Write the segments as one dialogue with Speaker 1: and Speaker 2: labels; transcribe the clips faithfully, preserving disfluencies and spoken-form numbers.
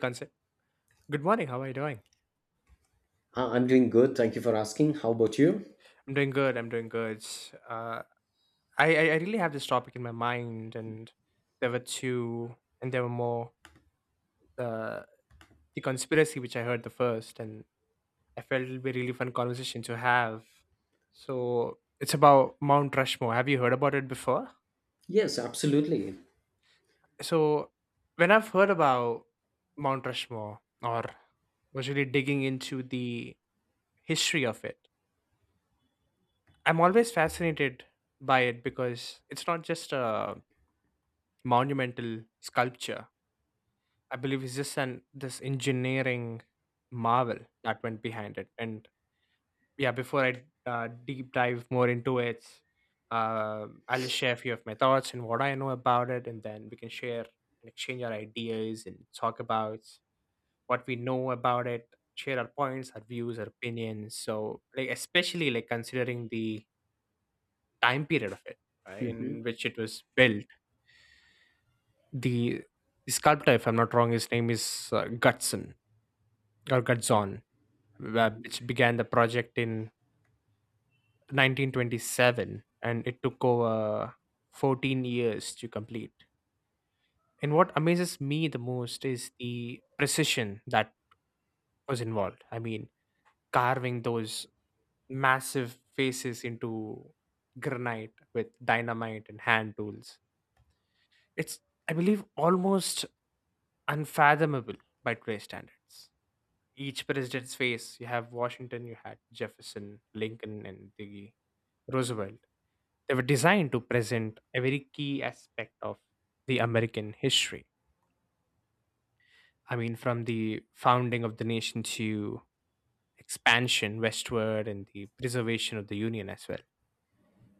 Speaker 1: Concept. Good morning. How are you doing?
Speaker 2: Uh, I'm doing good. Thank you for asking. How about you?
Speaker 1: I'm doing good. I'm doing good. Uh, I, I I really have this topic in my mind, and there were two, and there were more. The the conspiracy which I heard the first, and I felt it'll be a really fun conversation to have. So it's about Mount Rushmore. Have you heard about it before?
Speaker 2: Yes, absolutely.
Speaker 1: So when I've heard about Mount Rushmore, or was really digging into the history of it, I'm always fascinated by it because it's not just a monumental sculpture. I believe it's just an this engineering marvel that went behind it. And yeah, before I uh, deep dive more into it, uh, I'll just share a few of my thoughts and what I know about it, and then we can share and exchange our ideas and talk about what we know about it, share our points, our views, our opinions. So, like especially like considering the time period of it uh, in
Speaker 2: Hmm.
Speaker 1: which it was built, the sculptor, if I'm not wrong, his name is uh, Gutzon or Gutzon, wh- which began the project in nineteen twenty-seven and it took over fourteen years to complete. And what amazes me the most is the precision that was involved. I mean, carving those massive faces into granite with dynamite and hand tools. It's, I believe, almost unfathomable by today's standards. Each president's face. You have Washington, you had Jefferson, Lincoln, and the Roosevelt. They were designed to present a very key aspect of the American history. I mean, from the founding of the nation to expansion westward and the preservation of the Union as well.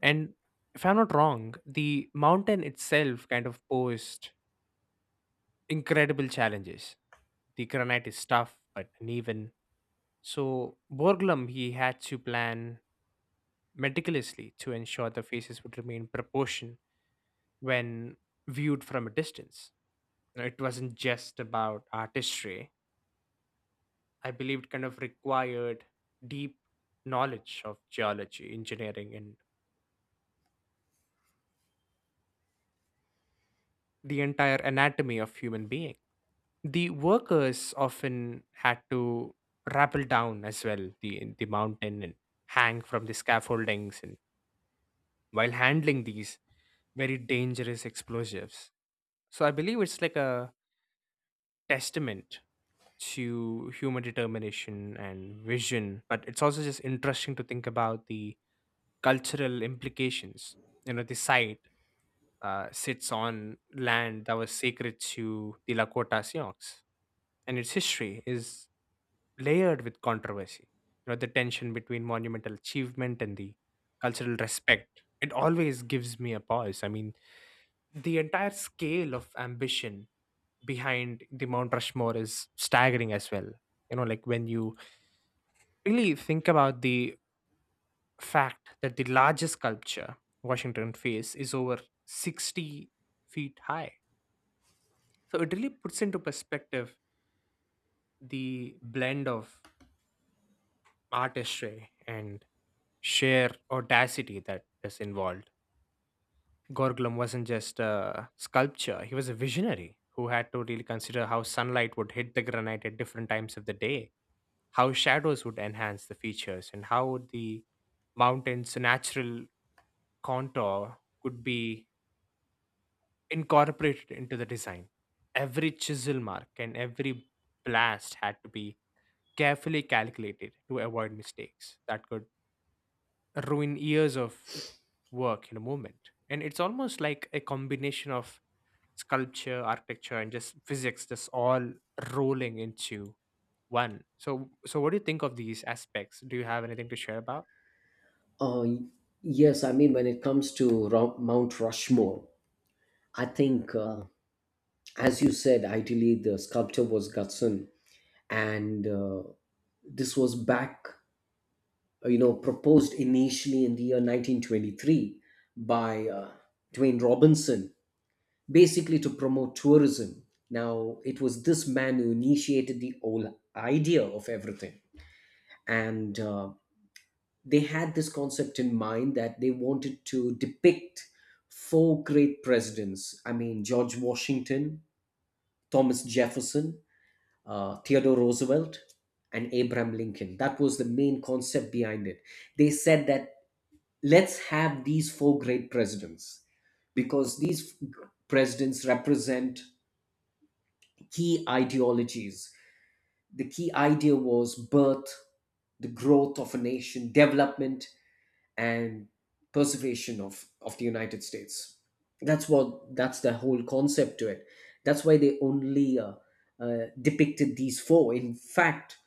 Speaker 1: And if I'm not wrong, the mountain itself kind of posed incredible challenges. The granite is tough but uneven. So Borglum he had to plan meticulously to ensure the faces would remain proportioned when viewed from a distance. You know, it wasn't just about artistry. I believe it kind of required deep knowledge of geology, engineering, and the entire anatomy of human being. The workers often had to rappel down as well the the mountain and hang from the scaffoldings and while handling these very dangerous explosives. So I believe it's like a testament to human determination and vision, but it's also just interesting to think about the cultural implications. You know, the site uh, sits on land that was sacred to the Lakota Sioux, and its history is layered with controversy. You know, the tension between monumental achievement and the cultural respect, it always gives me a pause. I mean, the entire scale of ambition behind the Mount Rushmore is staggering as well. You know, like when you really think about the fact that the largest sculpture, Washington face, is over sixty feet high. So it really puts into perspective the blend of artistry and sheer audacity that is involved. Gorglum wasn't just a sculpture, he was a visionary who had to really consider how sunlight would hit the granite at different times of the day, how shadows would enhance the features and how the mountain's natural contour could be incorporated into the design. Every chisel mark and every blast had to be carefully calculated to avoid mistakes that could ruin years of work in a moment. And it's almost like a combination of sculpture, architecture, and just physics just all rolling into one. So, so what do you think of these aspects? Do you have anything to share about?
Speaker 2: Uh, yes, I mean, when it comes to Ro- Mount Rushmore, I think, uh, as you said, ideally the sculptor was Gutzon, and uh, this was back, uh, you know, proposed initially in the year nineteen twenty-three by uh, Dwayne Robinson, basically to promote tourism. Now, it was this man who initiated the whole idea of everything. and uh, they had this concept in mind that they wanted to depict four great presidents. I mean, George Washington, Thomas Jefferson, uh, Theodore Roosevelt, and Abraham Lincoln. That was the main concept behind it. They said that, let's have these four great presidents, because these presidents represent key ideologies. The key idea was birth, the growth of a nation, development, and preservation of, of the United States. That's what that's the whole concept to it. That's why they only uh, uh, depicted these four. In fact,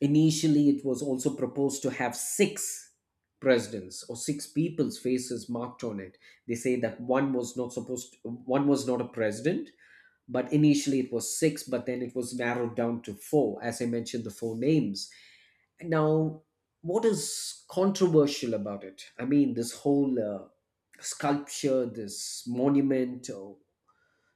Speaker 2: initially it was also proposed to have six presidents, or six people's faces marked on it. They say that one was not supposed, to, one was not a president, but initially it was six, but then it was narrowed down to four, as I mentioned, the four names. Now, what is controversial about it? I mean, this whole uh, sculpture, this monument, or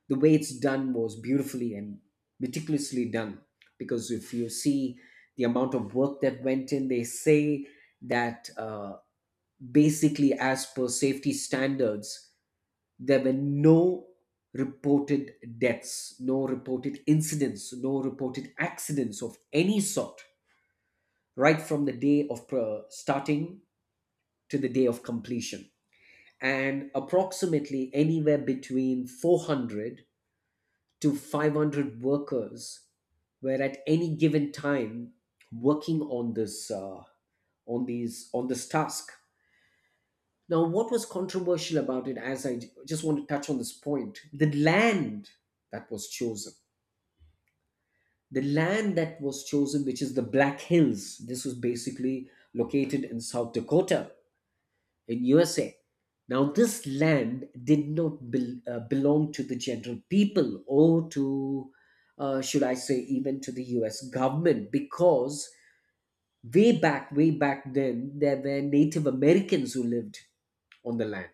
Speaker 2: the way it's done, was beautifully and meticulously done, because if you see the amount of work that went in, they say that, uh, basically, as per safety standards, there were no reported deaths, no reported incidents, no reported accidents of any sort, right from the day of starting to the day of completion. And approximately anywhere between four hundred to five hundred workers were at any given time working on this uh, on these on this task. Now, what was controversial about it, as I j- just want to touch on this point, the land that was chosen. The land that was chosen, which is the Black Hills, this was basically located in South Dakota, in U S A. Now, this land did not bel uh, belong to the general people, or to, uh, should I say, even to the U S government, because way back, way back then, there were Native Americans who lived on the land.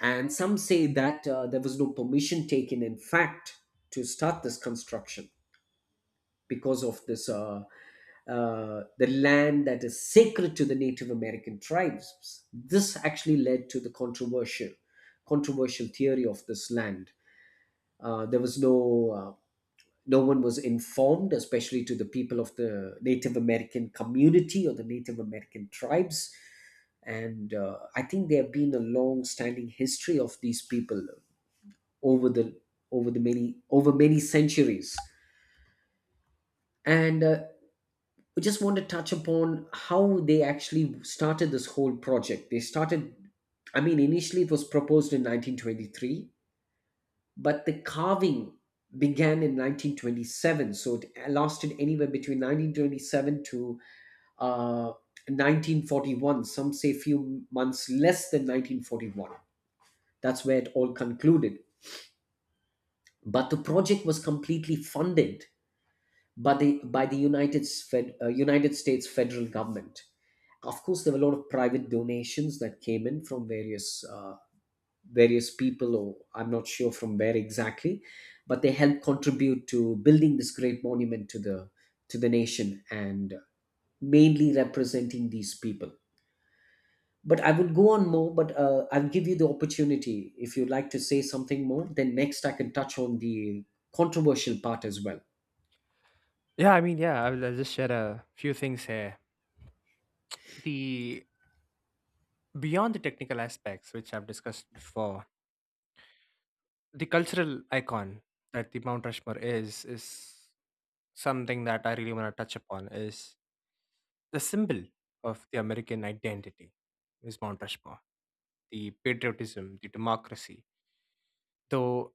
Speaker 2: And some say that uh, there was no permission taken, in fact, to start this construction, because of this uh, uh, the land that is sacred to the Native American tribes. This actually led to the controversial controversial theory of this land. Uh, there was no uh, No one was informed, especially to the people of the Native American community or the Native American tribes. And uh, I think there have been a long-standing history of these people over the over the many over many centuries. And uh, we just want to touch upon how they actually started this whole project. They started, I mean, initially it was proposed in nineteen twenty-three, but the carving began in nineteen twenty-seven. So it lasted anywhere between nineteen twenty-seven to uh, nineteen forty-one. Some say few months less than nineteen forty-one. That's where it all concluded. But the project was completely funded By the by the United Fed, uh, United States federal government. Of course, there were a lot of private donations that came in from various uh, various people, or I'm not sure from where exactly, but they helped contribute to building this great monument to the to the nation and mainly representing these people. But I would go on more, but uh, I'll give you the opportunity if you'd like to say something more. Then next, I can touch on the controversial part as well.
Speaker 1: Yeah, I mean, yeah, I'll, I'll just share a few things here. The beyond the technical aspects, which I've discussed before, the cultural icon that the Mount Rushmore is is something that I really want to touch upon is the symbol of the American identity is Mount Rushmore, the patriotism, the democracy, though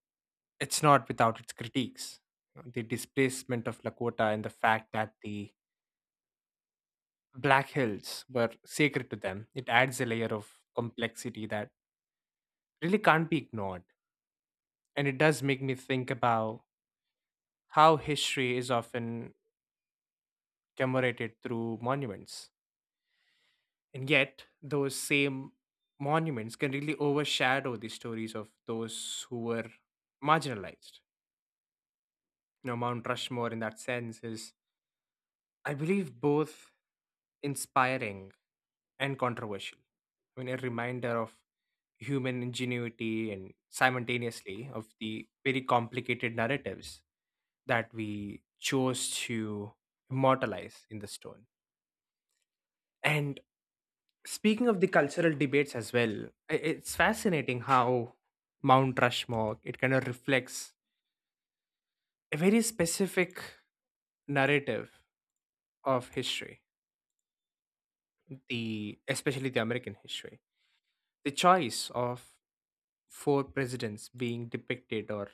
Speaker 1: it's not without its critiques. The displacement of Lakota and the fact that the Black Hills were sacred to them, it adds a layer of complexity that really can't be ignored. And it does make me think about how history is often commemorated through monuments. And yet, those same monuments can really overshadow the stories of those who were marginalized. You know, Mount Rushmore, in that sense, is, I believe, both inspiring and controversial. I mean, a reminder of human ingenuity and simultaneously of the very complicated narratives that we chose to immortalize in the stone. And speaking of the cultural debates as well, i- it's fascinating how Mount Rushmore it kind of reflects a very specific narrative of history, the especially the American history. The choice of four presidents being depicted or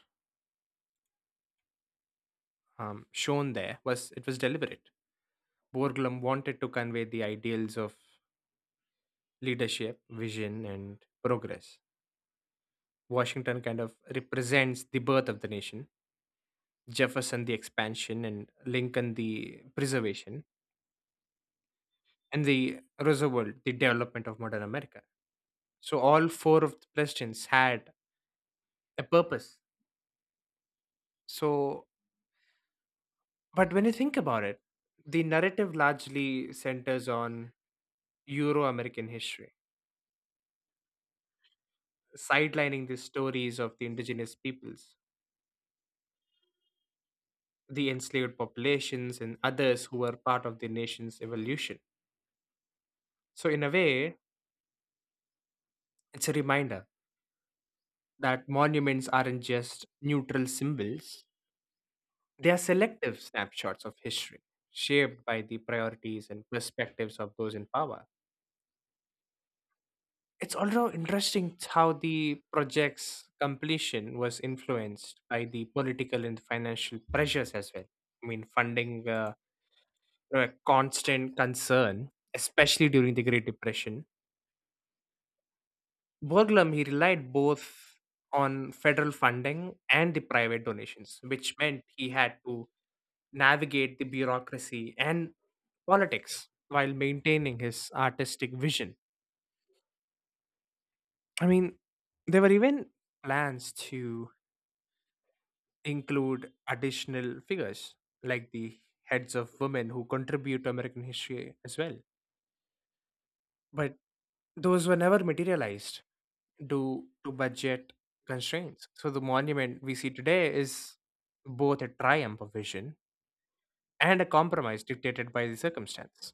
Speaker 1: um, shown there was it was deliberate. Borglum wanted to convey the ideals of leadership, vision, and progress. Washington kind of represents the birth of the nation, Jefferson the expansion and Lincoln the preservation, and the Roosevelt the development of modern America. So all four of the presidents had a purpose. So, but when you think about it, the narrative largely centers on Euro-American history, sidelining the stories of the indigenous peoples, the enslaved populations, and others who were part of the nation's evolution. So in a way, it's a reminder that monuments aren't just neutral symbols. They are selective snapshots of history, shaped by the priorities and perspectives of those in power. It's also interesting how the project's completion was influenced by the political and financial pressures as well. I mean, funding were were a constant concern, especially during the Great Depression. Borglum, he relied both on federal funding and the private donations, which meant he had to navigate the bureaucracy and politics while maintaining his artistic vision. I mean, there were even plans to include additional figures like the heads of women who contribute to American history as well. But those were never materialized due to budget constraints. So the monument we see today is both a triumph of vision and a compromise dictated by the circumstance.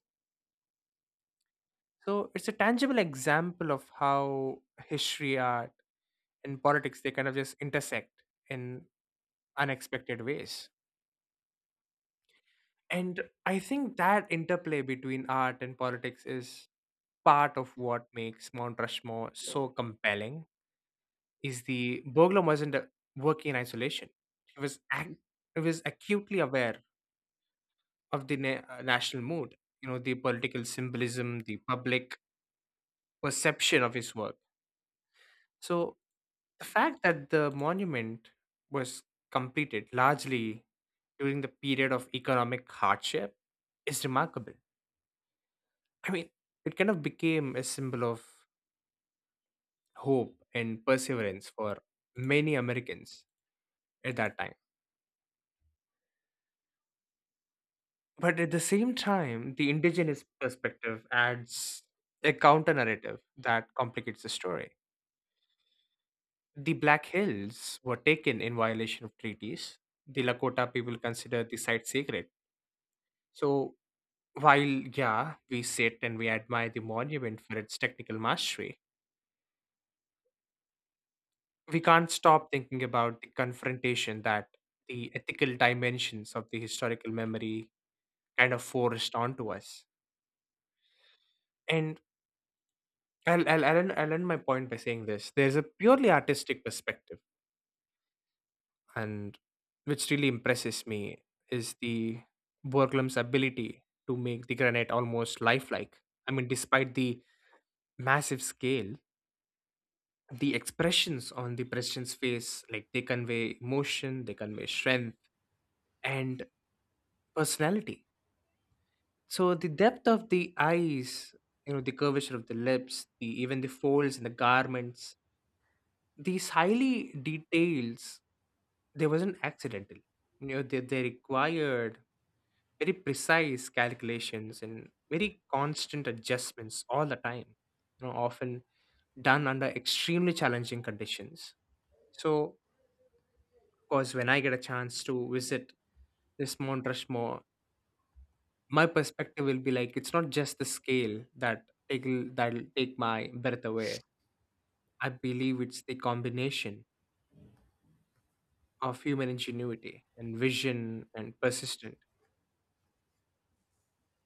Speaker 1: So it's a tangible example of how history art in politics they kind of just intersect in unexpected ways, and I think that interplay between art and politics is part of what makes Mount Rushmore so compelling, is the burglar wasn't uh, working in isolation. He was ac- he was acutely aware of the na- uh, national mood, you know, the political symbolism, the public perception of his work. So the fact that the monument was completed largely during the period of economic hardship is remarkable. I mean, it kind of became a symbol of hope and perseverance for many Americans at that time. But at the same time, the indigenous perspective adds a counter narrative that complicates the story. The Black Hills were taken in violation of treaties. The Lakota people consider the site sacred. So, while, yeah, we sit and we admire the monument for its technical mastery, we can't stop thinking about the confrontation that the ethical dimensions of the historical memory kind of forced onto us. And I'll, I'll, I'll, end, I'll end my point by saying this there's a purely artistic perspective, and which really impresses me is the Borglum's ability to make the granite almost lifelike. I mean, despite the massive scale, the expressions on the president's face, like they convey emotion, they convey strength and personality. So the depth of the eyes, you know, the curvature of the lips, the even the folds in the garments, these highly details, they wasn't accidental. You know, they, they required very precise calculations and very constant adjustments all the time. You know, often done under extremely challenging conditions. So, of course, when I get a chance to visit this Mount Rushmore, my perspective will be like it's not just the scale that take that'll take my breath away. I believe it's the combination of human ingenuity and vision and persistent.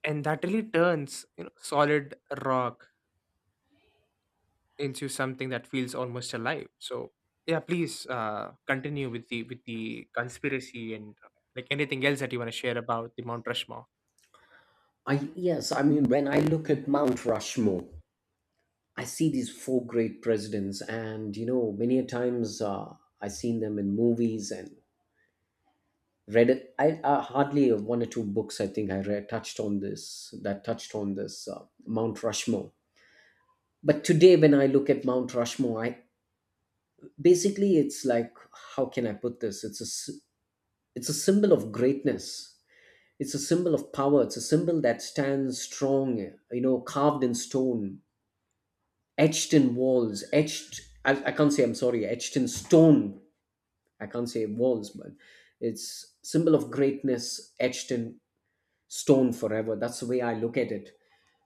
Speaker 1: And that really turns, you know, solid rock into something that feels almost alive. So yeah, please uh, continue with the with the conspiracy and uh, like anything else that you want to share about the Mount Rushmore.
Speaker 2: I Yes, I mean, when I look at Mount Rushmore, I see these four great presidents, and you know many a times, uh, I seen them in movies and read it. I uh, Hardly one or two books I think I read, touched on this, that touched on this uh, Mount Rushmore. But today when I look at Mount Rushmore, I basically it's like how can I put this? It's a s- it's a symbol of greatness. It's a symbol of power. It's a symbol that stands strong, you know, carved in stone, etched in walls, etched. I, I can't say, I'm sorry, etched in stone. I can't say walls, but it's symbol of greatness etched in stone forever. That's the way I look at it.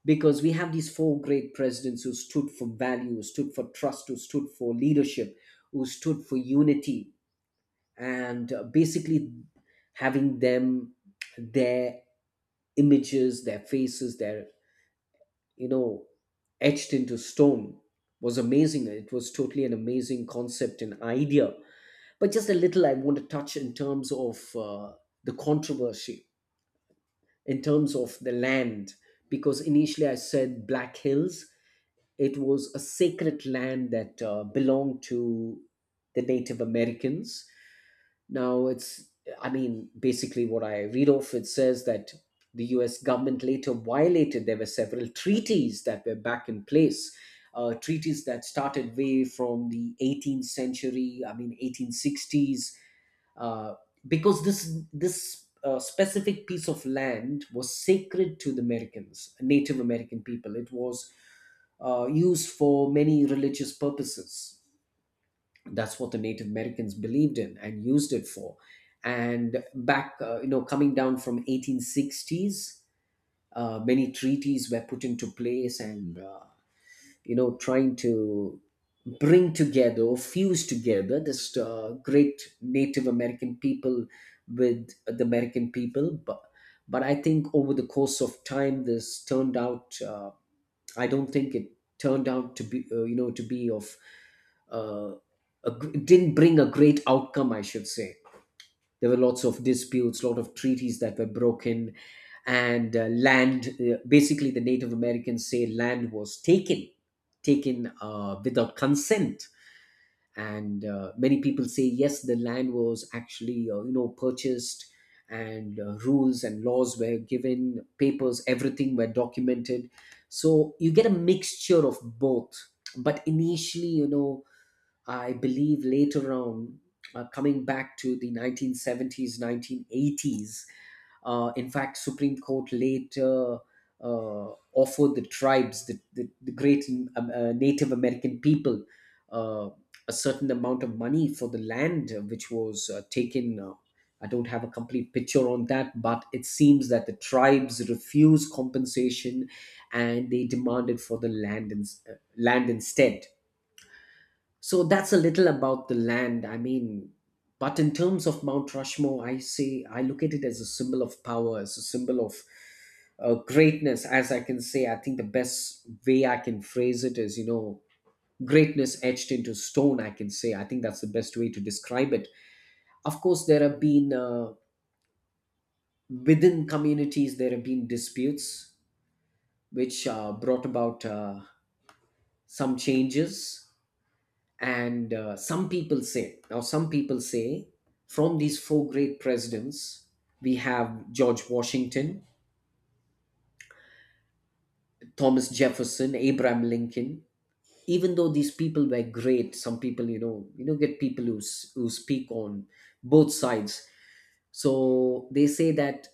Speaker 2: Because we have these four great presidents who stood for value, who stood for trust, who stood for leadership, who stood for unity, and uh, basically having them, their images, their faces, their you know, etched into stone was amazing. It was totally an amazing concept and idea. But just a little, I want to touch in terms of uh, the controversy, in terms of the land, because initially I said Black Hills. It was a sacred land that uh, belonged to the Native Americans. Now, it's, I mean, basically what I read off, it says that the U S government later violated, there were several treaties that were back in place. Uh, treaties that started way from the eighteenth century, I mean eighteen sixties, uh, because this this uh, specific piece of land was sacred to the Americans, Native American people. It was uh, used for many religious purposes. That's what the Native Americans believed in and used it for. And back, uh, you know, coming down from eighteen sixties, uh, many treaties were put into place, and uh, you know, trying to bring together, or fuse together, this uh, great Native American people with the American people, but. But I think over the course of time, this turned out, uh, I don't think it turned out to be, uh, you know, to be of, uh, a, gr- it didn't bring a great outcome, I should say. There were lots of disputes, lot of treaties that were broken, and uh, land. Uh, basically, the Native Americans say land was taken, taken uh, without consent, and uh, many people say yes, the land was actually uh, you know purchased, and uh, rules and laws were given, papers, everything were documented. So you get a mixture of both. But initially, you know I believe later on, uh, coming back to the nineteen seventies, nineteen eighties, uh, in fact, Supreme Court later uh, offered the tribes, the, the, the great um, uh, Native American people, uh, a certain amount of money for the land, uh, which was uh, taken. Uh, I don't have a complete picture on that, but it seems that the tribes refused compensation and they demanded for the land, in, uh, land instead. So that's a little about the land. I mean, but in terms of Mount Rushmore, I say I look at it as a symbol of power, as a symbol of uh, greatness, as I can say. I think the best way I can phrase it is, you know, greatness etched into stone, I can say. I think that's the best way to describe it. Of course, there have been uh, within communities, there have been disputes which uh, brought about uh, some changes. And uh, some people say, now, some people say, from these four great presidents, we have George Washington, Thomas Jefferson, Abraham Lincoln. Even though these people were great, some people, you know, you know, get people who, s- who speak on both sides. So they say that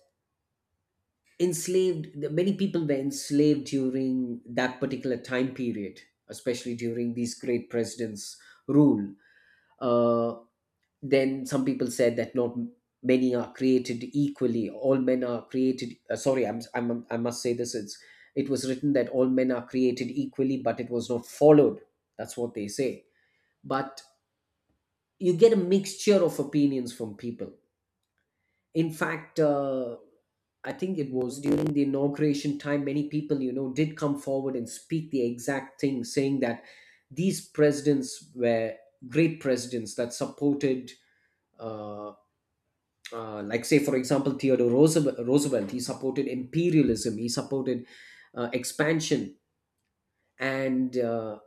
Speaker 2: enslaved, the- many people were enslaved during that particular time period, especially during these great presidents' rule. Uh, then some people said that not many are created equally, all men are created, uh, sorry, I'm, I'm i must say this, it's it was written that all men are created equally, but it was not followed. That's what they say. But you get a mixture of opinions from people. In fact, uh, I think it was during the inauguration time, many people, you know did come forward and speak the exact thing, saying that these presidents were great presidents that supported uh, uh, like, say for example, Theodore Roosevelt, roosevelt he supported imperialism, he supported uh, expansion, and uh,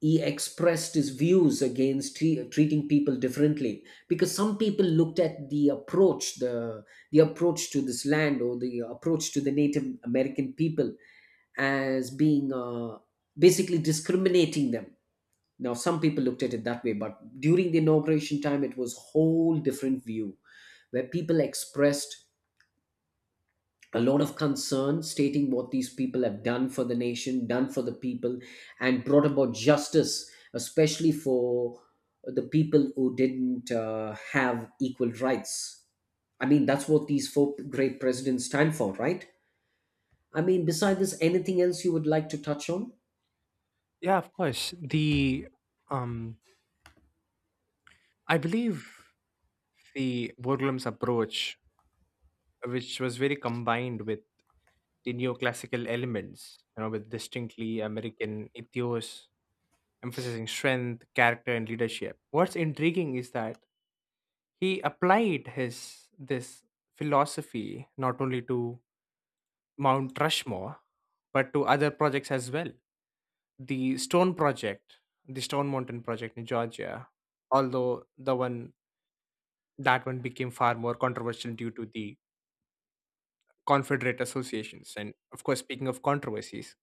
Speaker 2: he expressed his views against tre- treating people differently, because some people looked at the approach, the the approach to this land, or the approach to the Native American people as being uh, basically discriminating them. Now some people looked at it that way, but during the inauguration time it was a whole different view, where people expressed a lot of concern stating what these people have done for the nation, done for the people, and brought about justice, especially for the people who didn't uh, have equal rights. I mean, that's what these four great presidents stand for, right? I mean, beside this, anything else you would like to touch on?
Speaker 1: Yeah, of course. The um I believe the Borglum's approach which was very combined with the neoclassical elements, you know, with distinctly American ethos, emphasizing strength, character, and leadership. What's intriguing is that he applied his this philosophy not only to Mount Rushmore, but to other projects as well. The Stone Project, the Stone Mountain Project in Georgia, although the one that one became far more controversial due to the Confederate associations. And of course, speaking of controversies,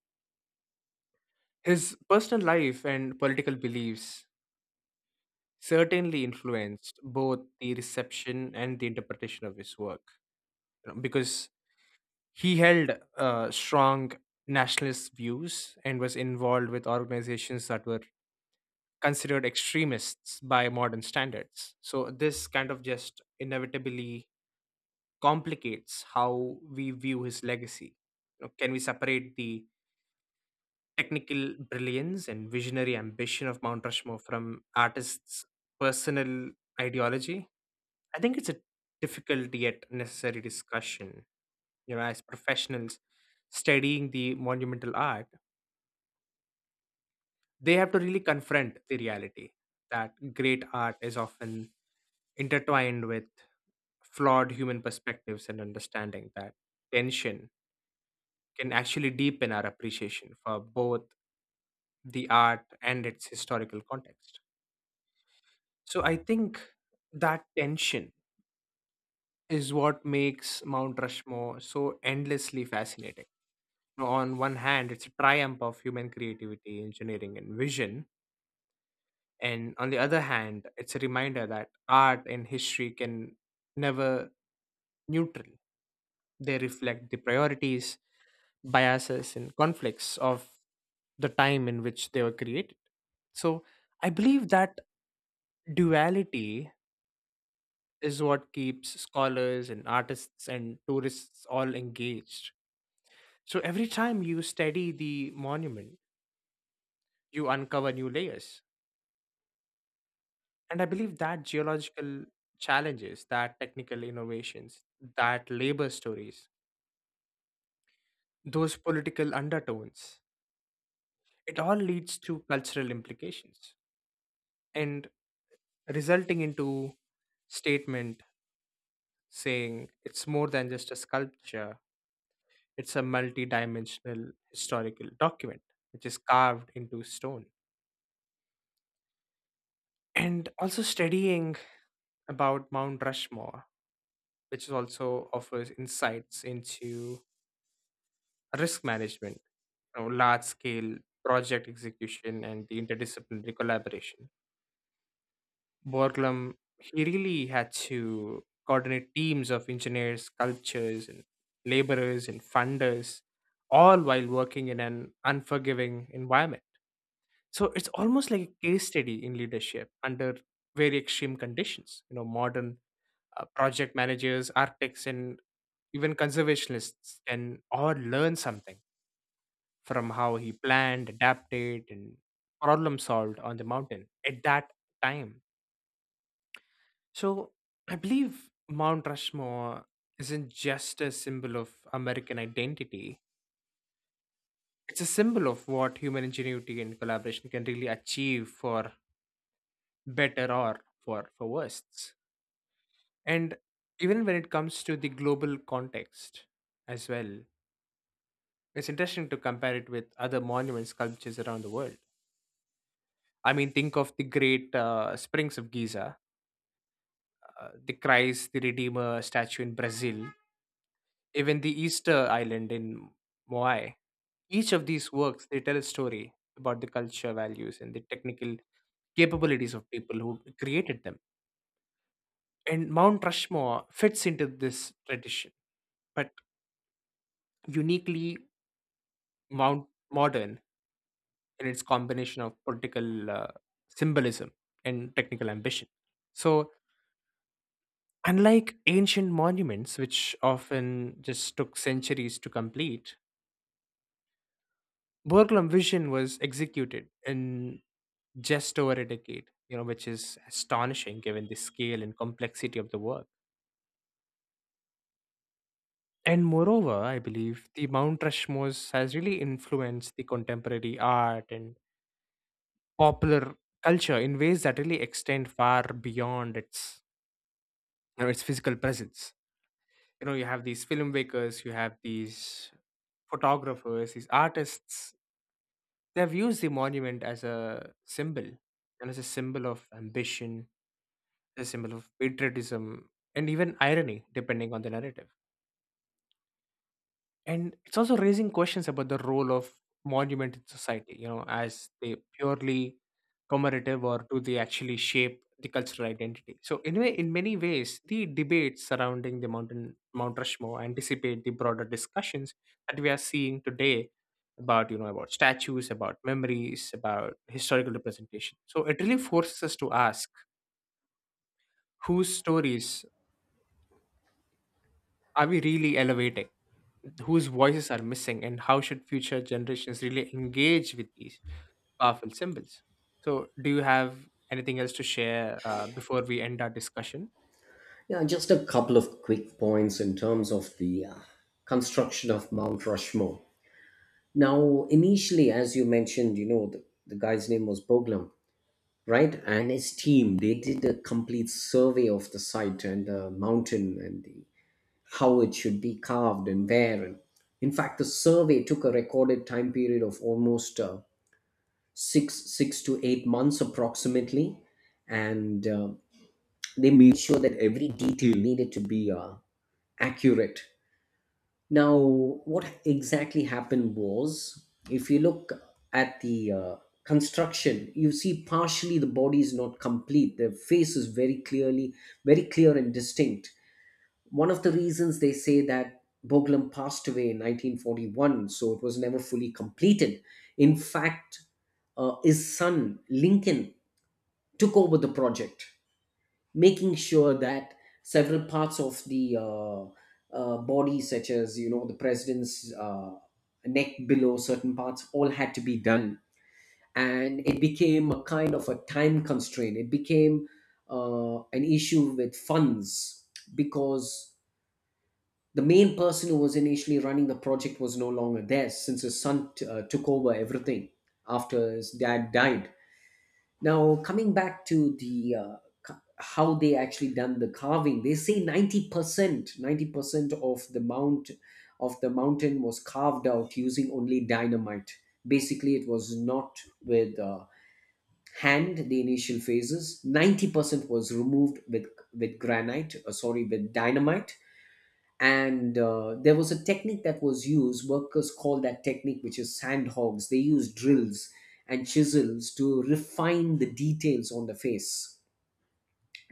Speaker 1: his personal life and political beliefs certainly influenced both the reception and the interpretation of his work, you know, because he held uh, strong nationalist views and was involved with organizations that were considered extremists by modern standards. So, this kind of just inevitably complicates how we view his legacy. You know, can we separate the technical brilliance and visionary ambition of Mount Rushmore from artists' personal ideology? I think it's a difficult yet necessary discussion. You know, as professionals studying the monumental art, they have to really confront the reality that great art is often intertwined with flawed human perspectives, and understanding that tension can actually deepen our appreciation for both the art and its historical context. So I think that tension is what makes Mount Rushmore so endlessly fascinating. You know, on one hand, it's a triumph of human creativity, engineering, and vision. And on the other hand, it's a reminder that art and history can never neutral. They reflect the priorities, biases, and conflicts of the time in which they were created. So I believe that duality is what keeps scholars and artists and tourists all engaged. So every time you study the monument, you uncover new layers. And I believe that geological challenges, that technical innovations, that labor stories, those political undertones, it all leads to cultural implications and resulting into statement saying it's more than just a sculpture. It's a multi-dimensional historical document which is carved into stone. And also studying about Mount Rushmore, which is also offers insights into risk management, you know, large-scale project execution, and the interdisciplinary collaboration. Borglum, he really had to coordinate teams of engineers, sculptors, and laborers and funders, all while working in an unforgiving environment. So it's almost like a case study in leadership under very extreme conditions. You know, modern uh, project managers, architects, and even conservationists can all learn something from how he planned, adapted, and problem solved on the mountain at that time. So I believe Mount Rushmore isn't just a symbol of American identity. It's a symbol of what human ingenuity and collaboration can really achieve, for better or for for worse. And even when it comes to the global context as well, it's interesting to compare it with other monument sculptures around the world. I mean, think of the great uh, springs of Giza, uh, the Christ the Redeemer statue in Brazil, even the Easter Island in Moai. Each of these works, they tell a story about the culture, values, and the technical capabilities of people who created them. And Mount Rushmore fits into this tradition, but uniquely Mount modern in its combination of political uh, symbolism and technical ambition. So, unlike ancient monuments, which often just took centuries to complete, Burglam vision was executed in just over a decade, you know, which is astonishing given the scale and complexity of the work. And moreover, I believe the Mount Rushmore has really influenced the contemporary art and popular culture in ways that really extend far beyond its you know, its physical presence. You know, you have these filmmakers, you have these photographers, these artists, they've used the monument as a symbol, and as a symbol of ambition, a symbol of patriotism, and even irony depending on the narrative. And it's also raising questions about the role of monument in society. You know, as they purely commemorative, or do they actually shape the cultural identity? So anyway, in many ways the debates surrounding the mountain Mount Rushmore anticipate the broader discussions that we are seeing today about, you know, about statues, about memories, about historical representation. So it really forces us to ask, whose stories are we really elevating, whose voices are missing, and how should future generations really engage with these powerful symbols? So do you have anything else to share uh, before we end our discussion?
Speaker 2: Yeah, just a couple of quick points in terms of the uh, construction of Mount Rushmore. Now, initially, as you mentioned, you know, the, the guy's name was Boglam, right? And his team, they did a complete survey of the site and the mountain and the, how it should be carved and where. And in fact, the survey took a recorded time period of almost uh, six six to eight months approximately, and uh, they made sure that every detail needed to be uh, accurate. Now, what exactly happened was, if you look at the uh, construction, you see partially the body is not complete. The face is very clearly, very clear and distinct. One of the reasons they say that Boglam passed away in nineteen forty-one, so it was never fully completed. In fact, uh, his son Lincoln took over the project, making sure that several parts of the uh, uh, body, such as you know the president's uh, neck below, certain parts, all had to be done, and it became a kind of a time constraint. It became uh, an issue with funds, because the main person who was initially running the project was no longer there, since his son t- uh, took over everything after his dad died. Now, coming back to the uh, ca- how they actually done the carving, they say ninety percent, ninety percent of the mount of the mountain was carved out using only dynamite. Basically, it was not with uh, hand. The initial phases, ninety percent was removed with with granite. Uh, sorry, with dynamite, and uh, there was a technique that was used, workers call that technique, which is sand hogs. They use drills and chisels to refine the details on the face.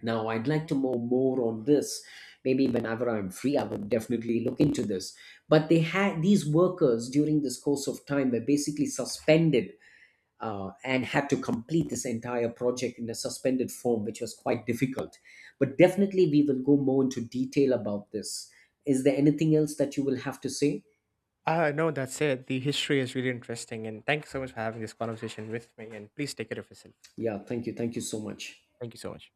Speaker 2: Now I'd like to know more on this. Maybe whenever I'm free, I would definitely look into this. But they had these workers during this course of time were basically suspended, uh, and had to complete this entire project in a suspended form, which was quite difficult. But definitely, we will go more into detail about this. Is there anything else that you will have to say?
Speaker 1: uh No, that's it. The history is really interesting, and thank you so much for having this conversation with me, and please take care of yourself.
Speaker 2: Yeah, thank you. Thank you so much.
Speaker 1: Thank you so much.